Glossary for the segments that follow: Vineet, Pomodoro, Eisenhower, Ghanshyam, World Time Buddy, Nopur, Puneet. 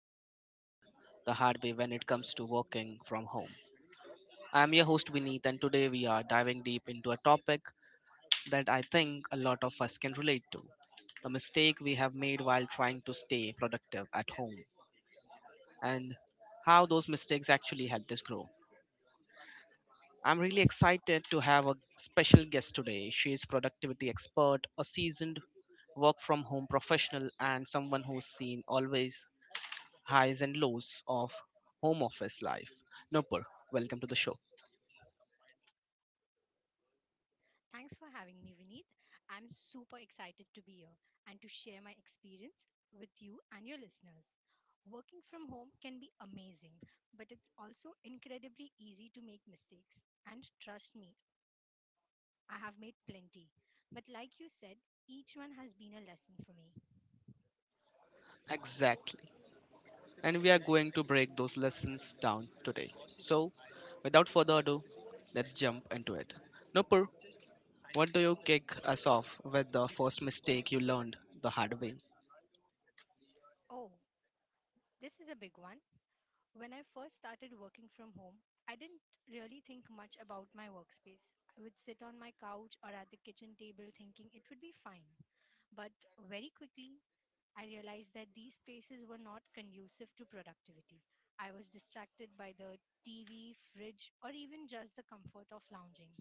the lessons learned the hard way when it comes to working from home. I am your host Vineet, and today we are diving deep into a topic that I think a lot of us can relate to: the mistake we have made while trying to stay productive at home, and how those mistakes actually helped us grow. I'm really excited to have a special guest today. She is productivity expert, a seasoned work from home professional and someone who's seen always highs and lows of home office life. Nopur, welcome to the show. Thanks for having me, Vineet. I'm super excited to be here and to share my experience with you and your listeners. Working from home can be amazing, but it's also incredibly easy to make mistakes. And trust me, I have made plenty. But like you said, each one has been a lesson for me. Exactly. And we are going to break those lessons down today. So, without further ado, let's jump into it. Nopur, what do you kick us off with the first mistake you learned the hard way? Oh, this is a big one. When I first started working from home, I didn't really think much about my workspace. I would sit on my couch or at the kitchen table thinking it would be fine. But very quickly, I realized that these spaces were not conducive to productivity. I was distracted by the TV, fridge, or even just the comfort of lounging.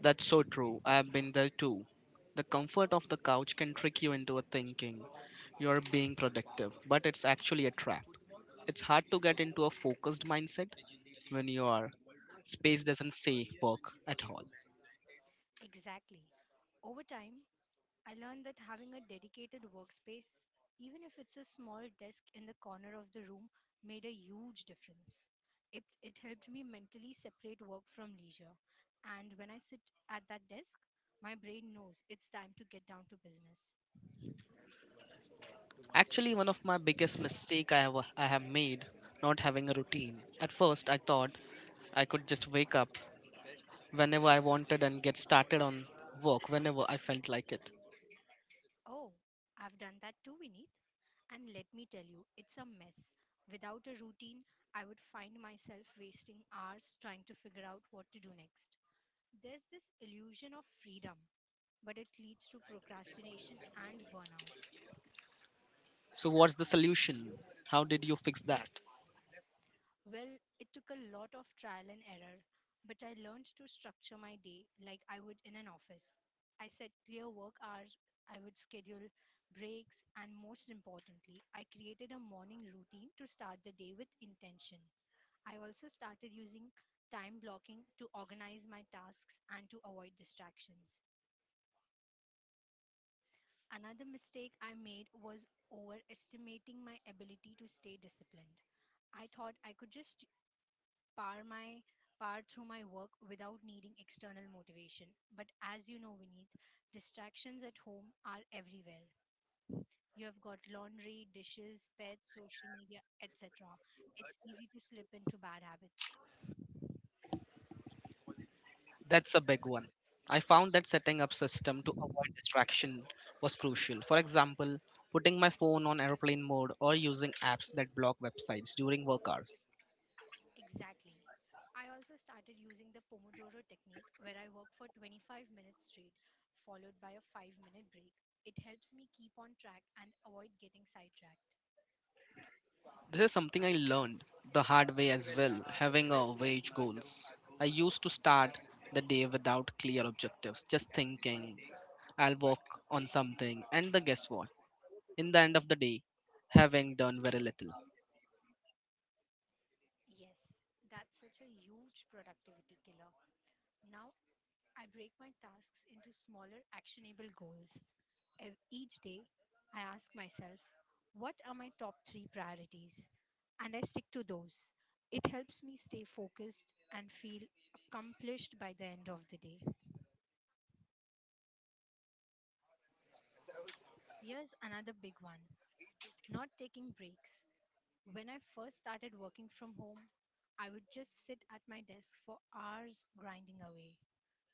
That's so true. I've been there too. The comfort of the couch can trick you into a thinking you're being productive, but it's actually a trap. It's hard to get into a focused mindset when you are. Space doesn't say work at all. Exactly. Over time, I learned that having a dedicated workspace, even if it's a small desk in the corner of the room, made a huge difference. It helped me mentally separate work from leisure. And when I sit at that desk, my brain knows it's time to get down to business. Actually, one of my biggest mistake I have made not having a routine. At first, I thought I could just wake up whenever I wanted and get started on work whenever I felt like it. Oh, I've done that too, Vineet. And let me tell you, it's a mess. Without a routine, I would find myself wasting hours trying to figure out what to do next. There's this illusion of freedom but it leads to procrastination and burnout. So, what's the solution? How did you fix that? Well, it took a lot of trial and error, but I learned to structure my day like I would in an office. I set clear work hours, I would schedule breaks, and most importantly, I created a morning routine to start the day with intention. I also started using time blocking to organize my tasks and to avoid distractions. Another mistake I made was overestimating my ability to stay disciplined. I thought I could just power my power through my work without needing external motivation. But as you know, Vineet, distractions at home are everywhere. You have got laundry, dishes, pets, social media, etc. It's easy to slip into bad habits. That's a big one. I found that setting up system to avoid distraction was crucial. For example, putting my phone on airplane mode or using apps that block websites during work hours. Exactly. I also started using the Pomodoro technique where I work for 25 minutes straight, followed by a 5-minute break. It helps me keep on track and avoid getting sidetracked. This is something I learned the hard way as well, having a wage goals. I used to start the day without clear objectives, just thinking I'll work on something and the guess what? In the end of the day, having done very little. Yes, that's such a huge productivity killer. Now I break my tasks into smaller, actionable goals. Each day, I ask myself, what are my top three priorities? And I stick to those. It helps me stay focused and feel accomplished by the end of the day. Here's another big one, not taking breaks. When I first started working from home, I would just sit at my desk for hours grinding away.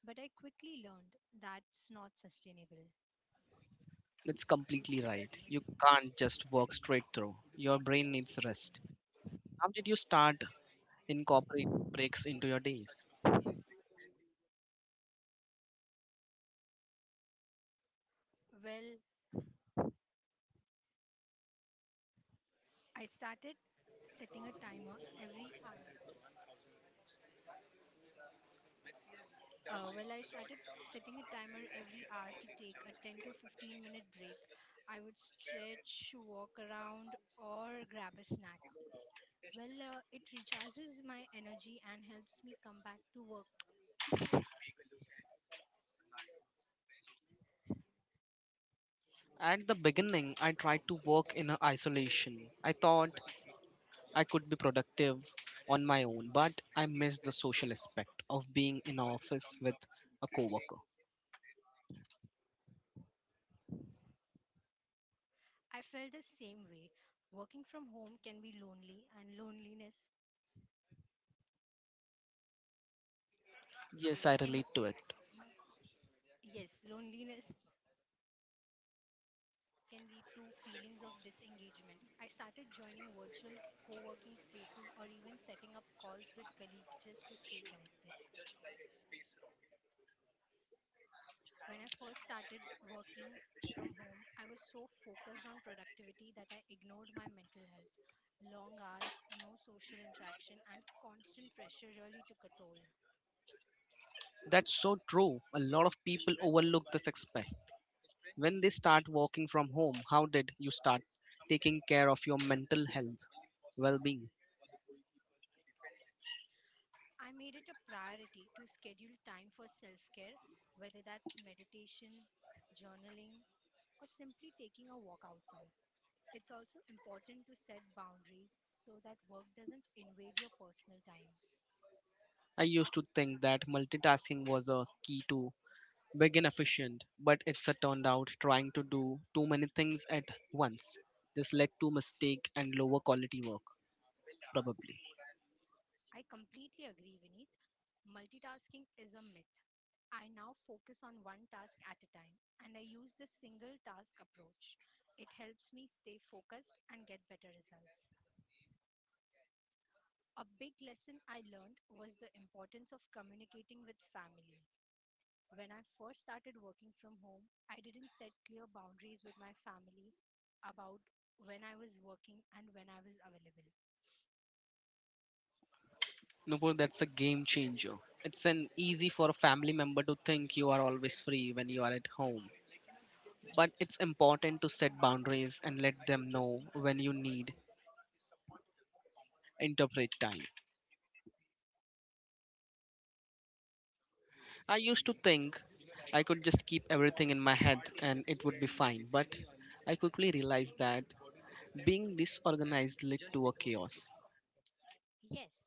But I quickly learned that's not sustainable. That's completely right. You can't just work straight through. Your brain needs rest. How did you start incorporating breaks into your days? Well, I started setting a timer every hour. I started setting a timer every hour to take a 10 to 15 minute break. I would stretch, walk around, or grab a snack. It recharges my energy and helps me come back to work. At the beginning, I tried to work in a isolation. I thought I could be productive on my own, but I missed the social aspect of being in an office with a coworker. I felt the same way. Working from home can be lonely, and loneliness Yes, I can, relate to it. yes, loneliness can lead to feelings of disengagement. I started joining virtual co working spaces or even setting up calls with colleagues just to stay connected. When I first started working from home, I was so focused on productivity that I ignored my mental health. Long hours, no social interaction, and constant pressure really took a toll. That's so true. A lot of people overlook this aspect. When they start working from home, how did you start taking care of your mental health, well being? I made it a priority to schedule time for self care, whether that's meditation, journaling, or simply taking a walk outside. It's also important to set boundaries so that work doesn't invade your personal time. I used to think that multitasking was a key to big and efficient, but it's a turned out trying to do too many things at once. This led to mistake and lower quality work, probably. I completely agree, Vineet. Multitasking is a myth. I now focus on one task at a time and I use the single task approach. It helps me stay focused and get better results. A big lesson I learned was the importance of communicating with family. When I first started working from home, I didn't set clear boundaries with my family about when I was working and when I was available. Nupur, that's a game changer. It's an easy for a family member to think you are always free when you are at home. But it's important to set boundaries and let them know when you need interpret time. I used to think I could just keep everything in my head and it would be fine, but I quickly realized that being disorganized led to a chaos. Yes,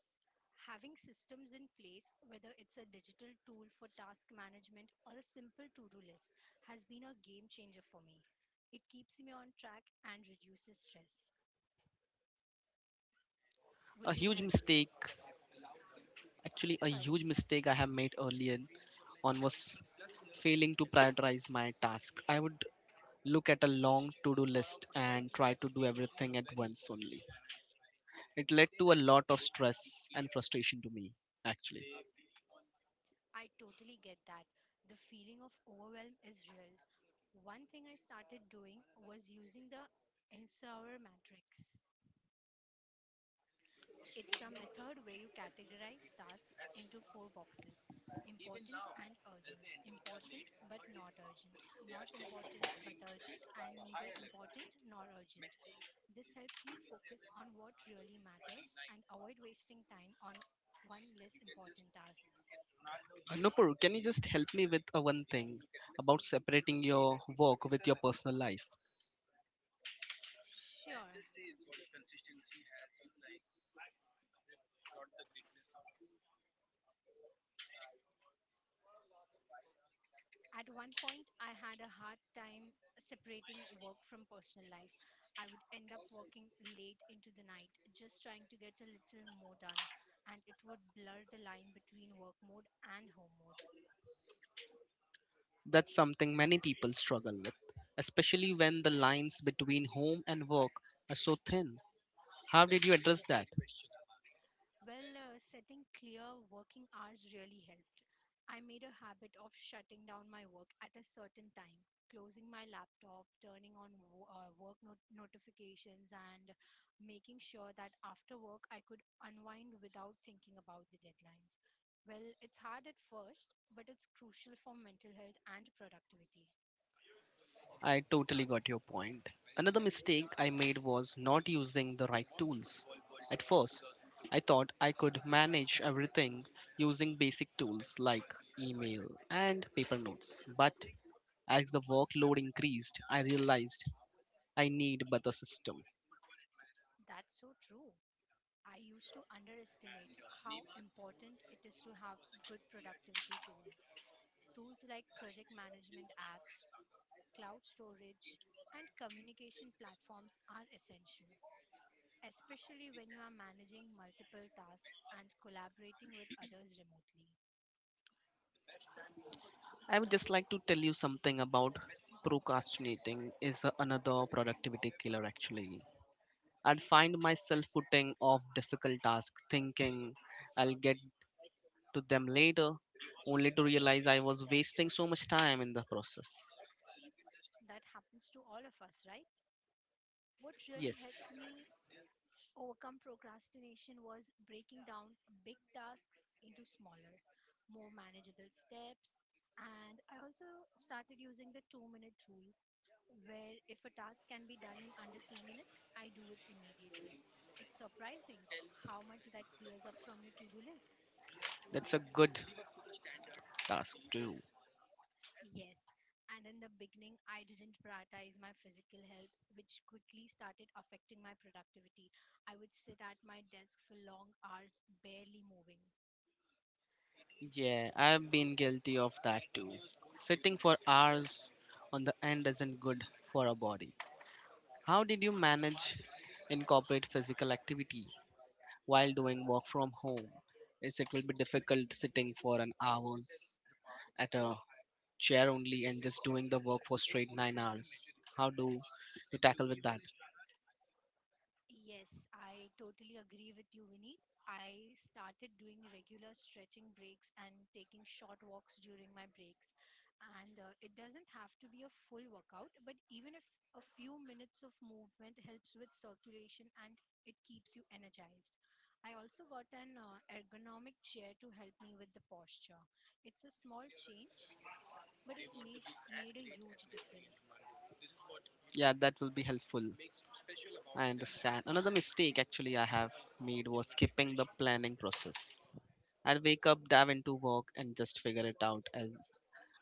having systems in place, whether it's a digital tool for task management or a simple to do list, has been a game changer for me. It keeps me on track and reduces stress. Would A you huge like? mistake, actually, a Sorry. huge mistake I have made earlier on was failing to prioritize my task. I would look at a long to do list and try to do everything at once only. It led to a lot of stress and frustration to me, actually. I totally get that. The feeling of overwhelm is real. One thing I started doing was using the Eisenhower matrix. It's a method where you categorize tasks into four boxes: important and urgent, important but not urgent, not important but urgent, and neither important nor urgent. This helped me focus on what really matters and avoid wasting time on one less important tasks. Nupur, can you just help me with one thing about separating your work with your personal life? Sure. At one point, I had a hard time separating work from personal life. I would end up working late into the night, just trying to get a little more done, and it would blur the line between work mode and home mode. That's something many people struggle with, especially when the lines between home and work are so thin. How did you address that? Setting clear working hours really helped. I made a habit of shutting down my work at a certain time, closing my laptop, turning on work notifications, and making sure that after work I could unwind without thinking about the deadlines. Well, it's hard at first, but it's crucial for mental health and productivity. I totally got your point. Another mistake I made was not using the right tools. At first, I thought I could manage everything using basic tools like email and paper notes. But as the workload increased, I realized I need better system. That's so true. I used to underestimate how important it is to have good productivity tools. Tools like project management apps, cloud storage, and communication platforms are essential, especially when you are managing multiple tasks and collaborating with others remotely. I would just like to tell you something about procrastinating is another productivity killer actually. I'd find myself putting off difficult tasks thinking I'll get to them later, only to realize I was wasting so much time in the process. That happens to all of us, right? What really Yes, helped me overcome procrastination was breaking down big tasks into smaller, more manageable steps. And I also started using the 2 minute rule, where if a task can be done in under 2 minutes, I do it immediately. It's surprising how much that clears up from your to do list. that's a good task too. Yes. And in the beginning, I didn't prioritize my physical health, which quickly started affecting my productivity. I would sit at my desk for long hours, barely moving. Yeah, I've been guilty of that too. Sitting for hours on the end isn't good for a body. How did you manage incorporate physical activity while doing work from home? Is it will be difficult sitting for an hours at a chair only and just doing the work for straight 9 hours? How do you tackle with that? Yes, I totally agree with you, Vineet. I started doing regular stretching breaks and taking short walks during my breaks. And it doesn't have to be a full workout, but even if a few minutes of movement helps with circulation and it keeps you energized. I also got an ergonomic chair to help me with the posture. It's a small change, but it made a huge difference. Yeah, that will be helpful. I Yes. understand. Another mistake actually I have made was skipping the planning process. I'd wake up, dive into work, and just figure it out as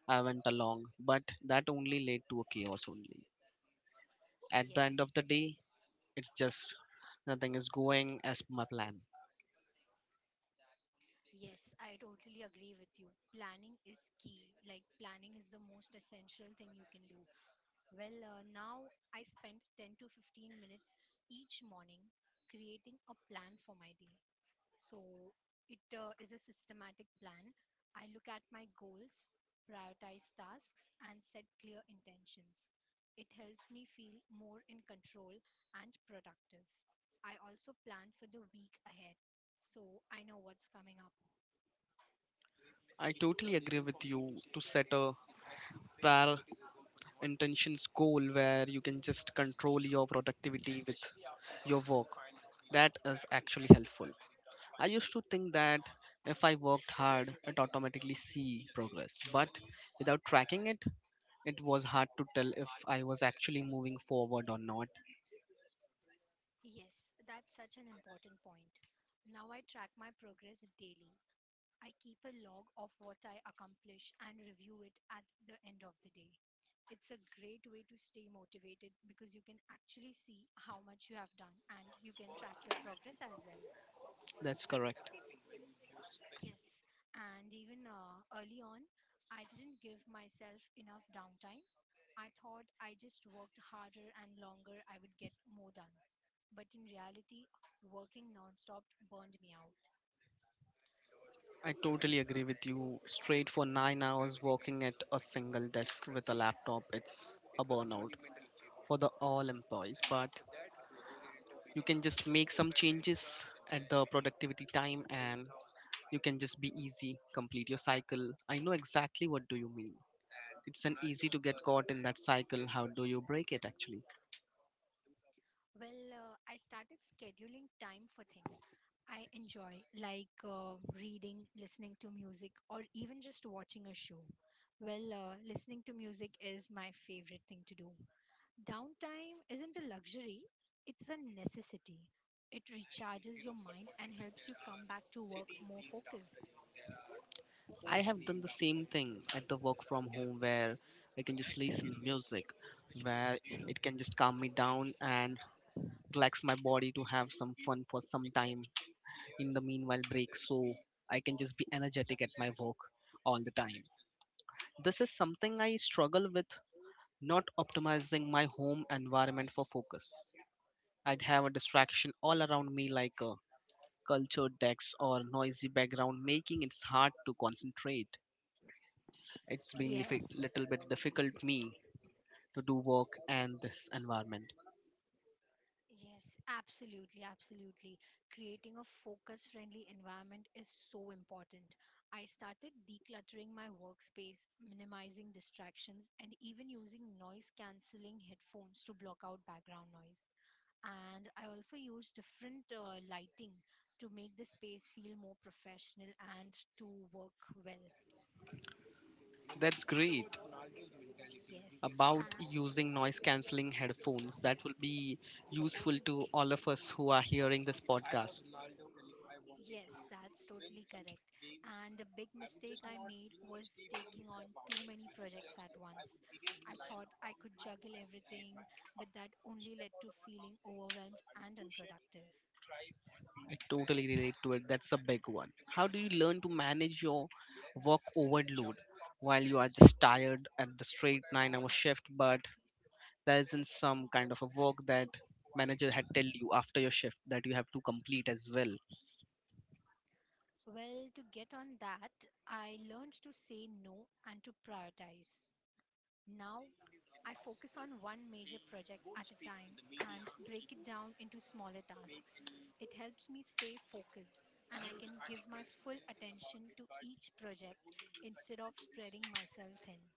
I went along. But that only led to a chaos only. At the Yes. end of the day, it's just nothing is going as per my plan. Yes, I totally agree with you. Planning is key. Like, planning is the most essential thing you can do. Now I spend 10 to 15 minutes each morning creating a plan for my day. So, it is a systematic plan. I look at my goals, prioritize tasks, and set clear intentions. It helps me feel more in control and productive. I also plan for the week ahead, so I know what's coming up. I totally agree with you to set a prior intentions goal where you can just control your productivity with your work. That is actually helpful. I used to think that if I worked hard, I'd automatically see progress, but without tracking it, it was hard to tell if I was actually moving forward or not. Yes, that's such an important point. Now I track my progress daily, I keep a log of what I accomplish and review it at the end of the day. It's a great way to stay motivated because you can actually see how much you have done and you can track your progress as well. That's correct. Yes, and even early on, I didn't give myself enough downtime. I thought I just worked harder and longer, I would get more done. But in reality, working nonstop burned me out. I totally agree with you. Straight for 9 hours working at a single desk with a laptop, it's a burnout for the all employees. But you can just make some changes at the productivity time and you can just be easy, complete your cycle. I know exactly what do you mean. It's an easy to get caught in that cycle. How do you break it actually? I started scheduling time for things I enjoy, like reading, listening to music, or even just watching a show. Listening to music is my favorite thing to do. Downtime isn't a luxury, it's a necessity. It recharges your mind and helps you come back to work more focused. I have done the same thing at the work from home, where I can just listen music, where it can just calm me down and relax my body to have some fun for some time in the meanwhile break, so I can just be energetic at my work all the time. This is something I struggle with, not optimizing my home environment for focus. I'd have a distraction all around me like a cultured decks or noisy background making it hard to concentrate. It's been a Yes. little bit difficult me to do work in this environment. Absolutely. Creating a focus friendly environment is so important. I started decluttering my workspace, minimizing distractions, and even using noise cancelling headphones to block out background noise. And I also use different lighting to make the space feel more professional and to work well. That's Uh, great yes. about Uh, using noise cancelling headphones, that will be useful to all of us who are hearing this podcast. Yes, that's totally correct. And a big mistake I made was taking on too many projects at once. I thought I could juggle everything, but that only led to feeling overwhelmed and unproductive. I totally relate to it. That's a big one. How do you learn to manage your work overload while you are just tired at the straight 9-hour shift, but there isn't some kind of a work that manager had tell you after your shift that you have to complete as well? Well, to get on that, I learned to say no and to prioritize. Now I focus on one major project at a time and break it down into smaller tasks. It helps me stay focused and I can give my full attention to each project instead of spreading myself thin.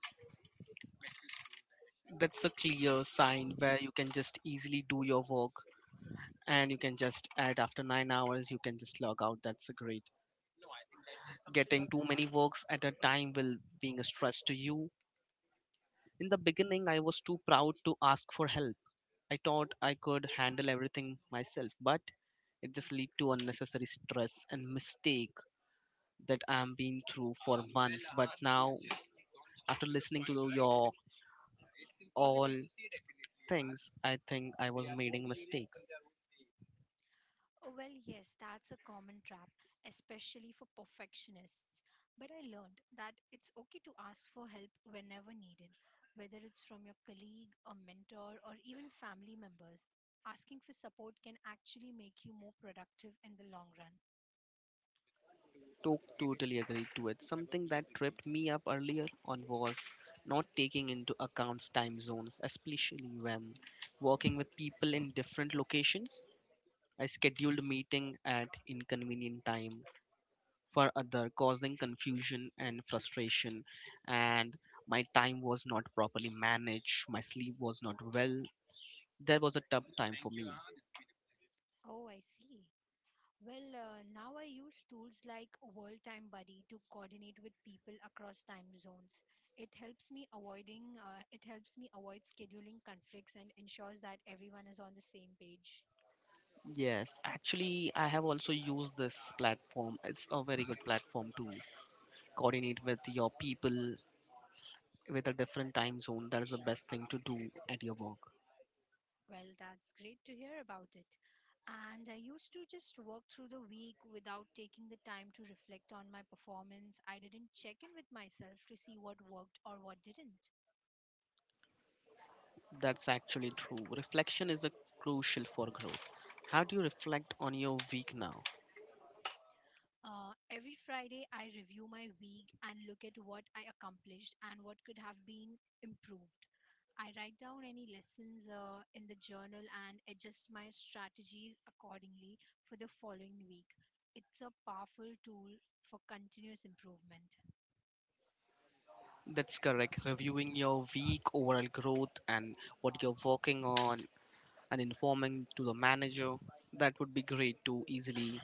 That's a clear sign where you can just easily do your work and you can just add after 9 hours you can just log out. That's a great. Getting too many works at a time will being a stress to you. In the beginning, I was too proud to ask for help. I thought I could handle everything myself, but it just lead to unnecessary stress and mistake that I'm been through for months. But now, after listening to your all things, I think I was making mistake. Oh, well, yes, that's a common trap, especially for perfectionists. But I learned that it's okay to ask for help whenever needed, whether it's from your colleague, a mentor, or even family members. Asking for support can actually make you more productive in the long run. Totally agree to it. Something that tripped me up earlier on was not taking into account time zones, especially when working with people in different locations. I scheduled a meeting at inconvenient time for other, causing confusion and frustration, and my time was not properly managed. My sleep was not well. That was a tough time for me. Oh, I see. Now I use tools like World Time Buddy to coordinate with people across time zones. It helps me avoid scheduling conflicts and ensures that everyone is on the same page. Yes, actually, I have also used this platform. It's a very good platform to coordinate with your people with a different time zone. That is the best thing to do at your work. Well, that's great to hear about it. And I used to just work through the week without taking the time to reflect on my performance. I didn't check in with myself to see what worked or what didn't. That's actually true. Reflection is a crucial for growth. How do you reflect on your week now? Every Friday, I review my week and look at what I accomplished and what could have been improved. I write down any lessons in the journal and adjust my strategies accordingly for the following week. It's a powerful tool for continuous improvement. That's correct. Reviewing your week, overall growth, and what you're working on, and informing to the manager. That would be great to easily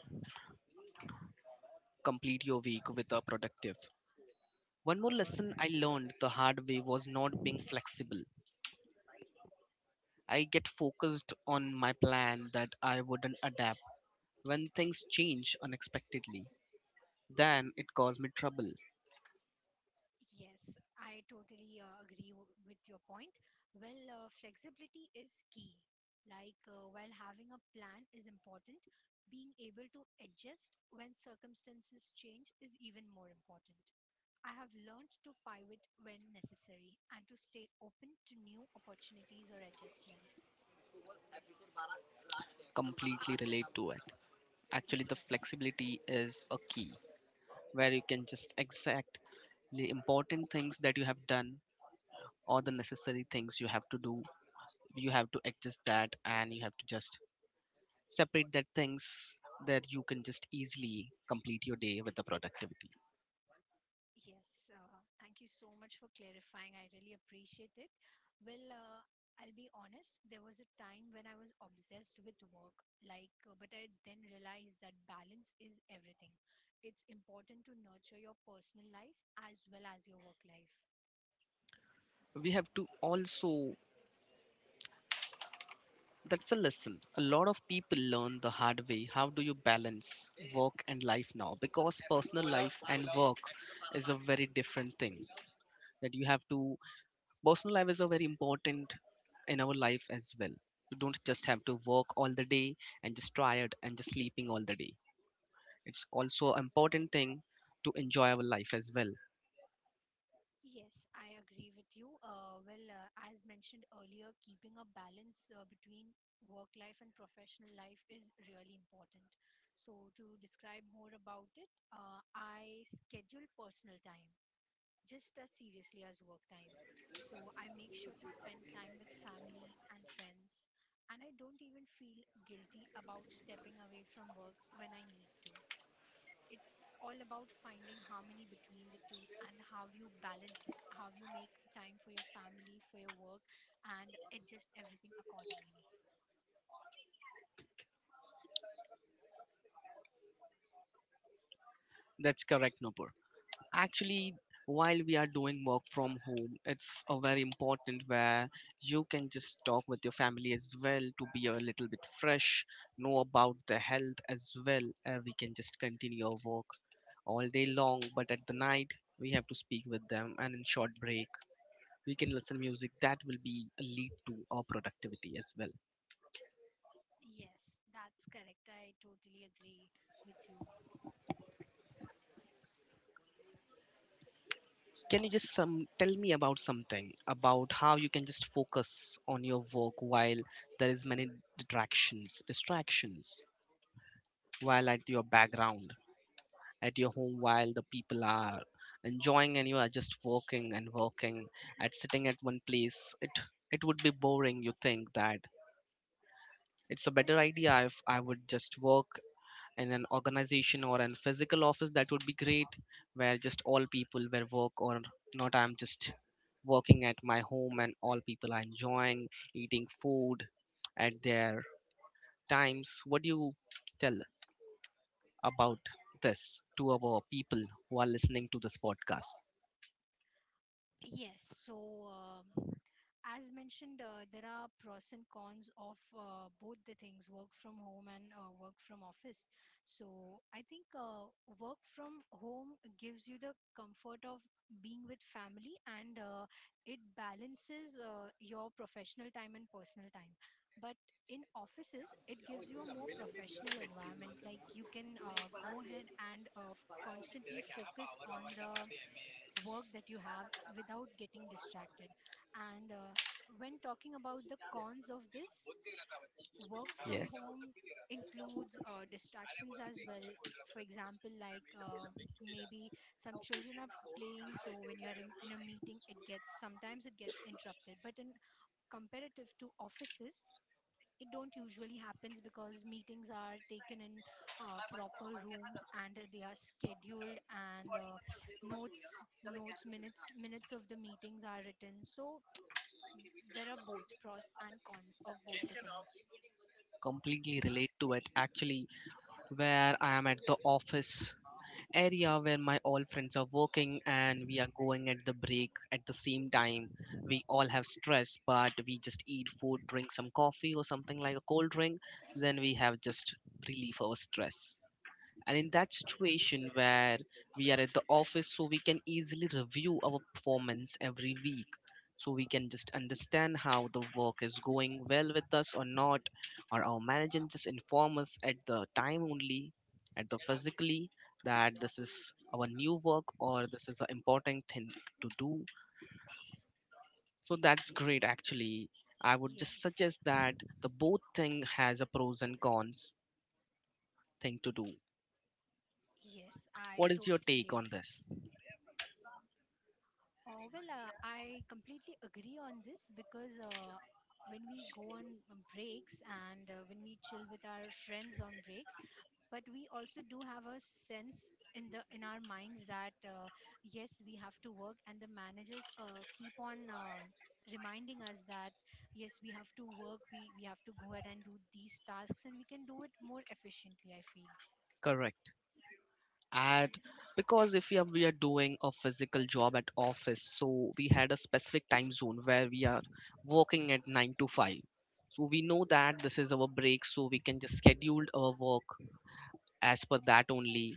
complete your week with a productive. One more lesson I learned the hard way was not being flexible. I get focused on my plan that I wouldn't adapt when things change unexpectedly. Then it caused me trouble. Yes, I totally agree with your point. Flexibility is key. While having a plan is important, being able to adjust when circumstances change is even more important. I have learned to pivot when necessary and to stay open to new opportunities or adjustments. Ah, Completely relate to it. Actually, the yes. flexibility is a key where you can just exact the important things that you have done or the necessary things you have to do. You have to adjust that and you have to just separate that things that you can just easily complete your day with the productivity. Yes, thank you so much for clarifying. I really appreciate it. Well, uh, I'll be honest, there was a time when I was obsessed with work, but I then realized that balance is everything. It's important to nurture your personal life as well as your work life. We have to also, that's a lesson a lot of people learn the hard way. How do you balance work and life now? Because personal life and work is a very different thing that you have to. Personal life is a very important in our life as well. You don't just have to work all the day and just tired and just sleeping all the day. It's also important thing to enjoy our life as well. Yes, I agree with you. As mentioned earlier, keeping a balance between work life and professional life is really important. So, to describe more about it, I schedule personal time just as seriously as work time. So I make sure to spend time with family and friends, and I don't even feel guilty about stepping away from work when I need to. It's all about finding harmony between the two and how you balance it, how you make time for your family, for your work, and adjust everything accordingly. That's correct. No, actually, while we are doing work from home, it's a very important where you can just talk with your family as well to be a little bit fresh, know about the health as well, and we can just continue our work all day long, but at the night we have to speak with them, and in short break we can listen music that will be lead to our productivity as well. Yes, that's correct. I totally agree with you. Can you just some tell me about something about how you can just focus on your work while there is many distractions while at your background, at your home, while the people are enjoying and you are just working and working, at sitting at one place. It would be boring. You think that it's a better idea if I would just work in an organization or in physical office? That would be great, where just all people were work. Or not, I'm just working at my home and all people are enjoying, eating food at their times. What do you tell about this to our people who are listening to this podcast? Yes, so um, as mentioned, there are pros and cons of both the things, work from home and work from office. So I think work from home gives you the comfort of being with family, and it balances your professional time and personal time. But in offices, it gives you a more professional environment. Like, you can go ahead and constantly focus on the work that you have without getting distracted. And when talking about the cons of this, work from Yes, home includes distractions as well. For example, maybe some children are playing, so when you are in a meeting, it gets, sometimes it gets interrupted. But in comparative to offices, it don't usually happens because meetings are taken in proper rooms, and they are scheduled, and notes notes minutes minutes of the meetings are written. So there are both pros and cons of both the things. completely relate to it actually, where I am at the office area where my all friends are working and we are going at the break at the same time. We all have stress, but we just eat food, drink some coffee or something like a cold drink. Then we have just relief our stress. And in that situation where we are at the office, so we can easily review our performance every week, so we can just understand how the work is going well with us or not, or our manager just inform us at the time only, at the physically, that this is our new work or this is an important thing to do. So that's great actually. I would just Yes. suggest that the both thing has a pros and cons thing to do. Yes, I What is your totally take on this? agree. Oh, I completely agree on this because when we go on breaks and when we chill with our friends on breaks, but we also do have a sense in the in our minds that yes, we have to work, and the managers keep on reminding us that yes, we have to work, we have to go ahead and do these tasks, and we can do it more efficiently, I feel. Correct. At, because if we are, we are doing a physical job at office, so we had a specific time zone where we are working at 9 to 5, so we know that this is our break, so we can just schedule our work as per that only,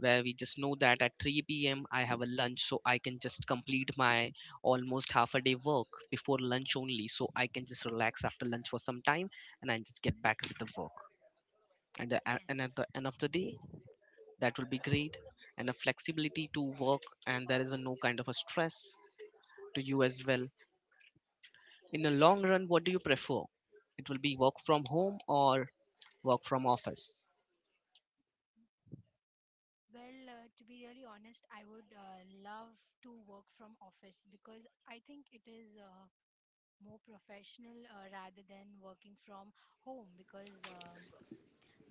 where we just know that at 3 p.m. I have a lunch, so I can just complete my almost half a day work before lunch only, so I can just relax after lunch for some time and I just get back with the work. And Yes. at the end of the day, that will be great, and a flexibility to work, and there is a no kind of a stress to you as well. In the long run, what do you prefer? It will be work from home or work from office? To be really honest, I would love to work from office because I think it is more professional rather than working from home, because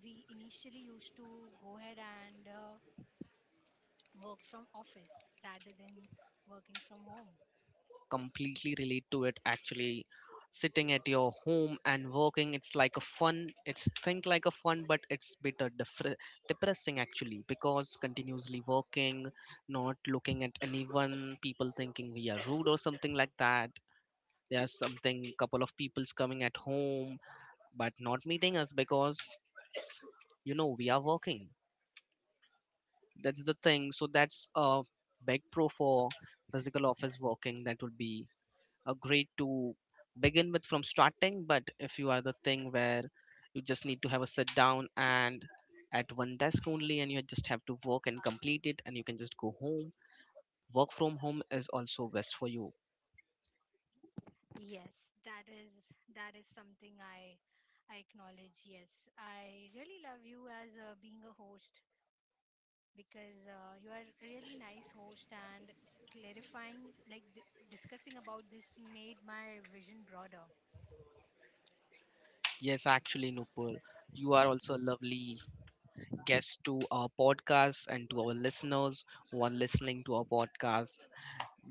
we initially used to go ahead and work from office rather than working from home. Completely relate to it actually. Sitting at your home and working, it's like a fun, it's think like a fun, but it's bit a depressing actually, because continuously working, not looking at anyone, people thinking we are rude or something like that. There's something couple of people's coming at home but not meeting us because you know we are working. That's the thing. So that's a big pro for physical office working. That would be a great to begin with from starting. But if you are the thing where you just need to have a sit down and at one desk only, and you just have to work and complete it and you can just go home, work from home is also best for you. Yes, that is that is something I acknowledge. Yes, I really love you as being a host, because you are a really nice host, and clarifying, like, discussing about this made my vision broader. Yes, actually, Nupur, you are also a lovely guests to our podcast and to our listeners who are listening to our podcast.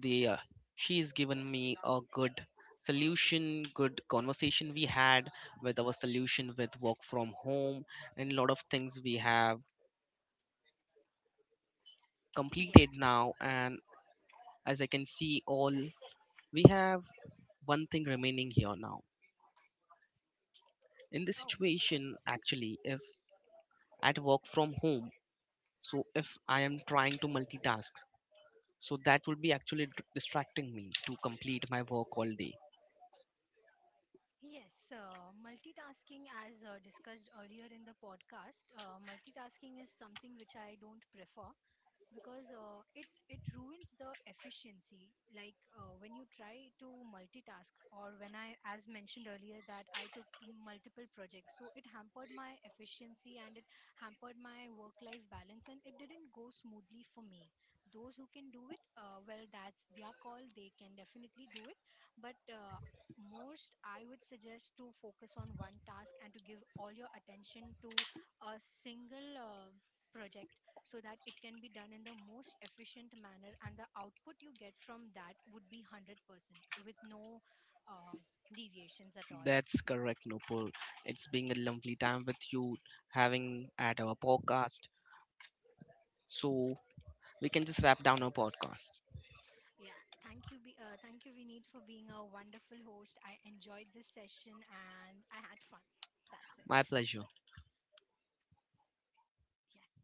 They, she's given me a good solution, good conversation we had with our solution with work from home, and a lot of things we have Yes. completed now. And as I can see, all we have one thing remaining here now. In this Oh. situation, actually, if at work from home, so if I am trying to multitask, so that would be actually distracting me to complete my work all day. Yes, multitasking, as discussed earlier in the podcast, multitasking is something which I don't prefer, because it ruins the efficiency, when you try to multitask, or when I, as mentioned earlier, that I took multiple projects, so it hampered my efficiency, and it hampered my work life balance, and it didn't go smoothly for me. Those who can do it, well, that's their call, they can definitely do it. But most I would suggest to focus on one task and to give all your attention to a single project, so that it can be done in the most efficient manner, and the output you get from that would be 100% with no uh, deviations at all. That's correct, Nopal. It's being a lovely time with you having at our podcast. So we can just wrap down our podcast. Yeah, thank you, thank you, Vineet, for being a wonderful host. I enjoyed this session and I had fun. That's it. My pleasure. Yeah.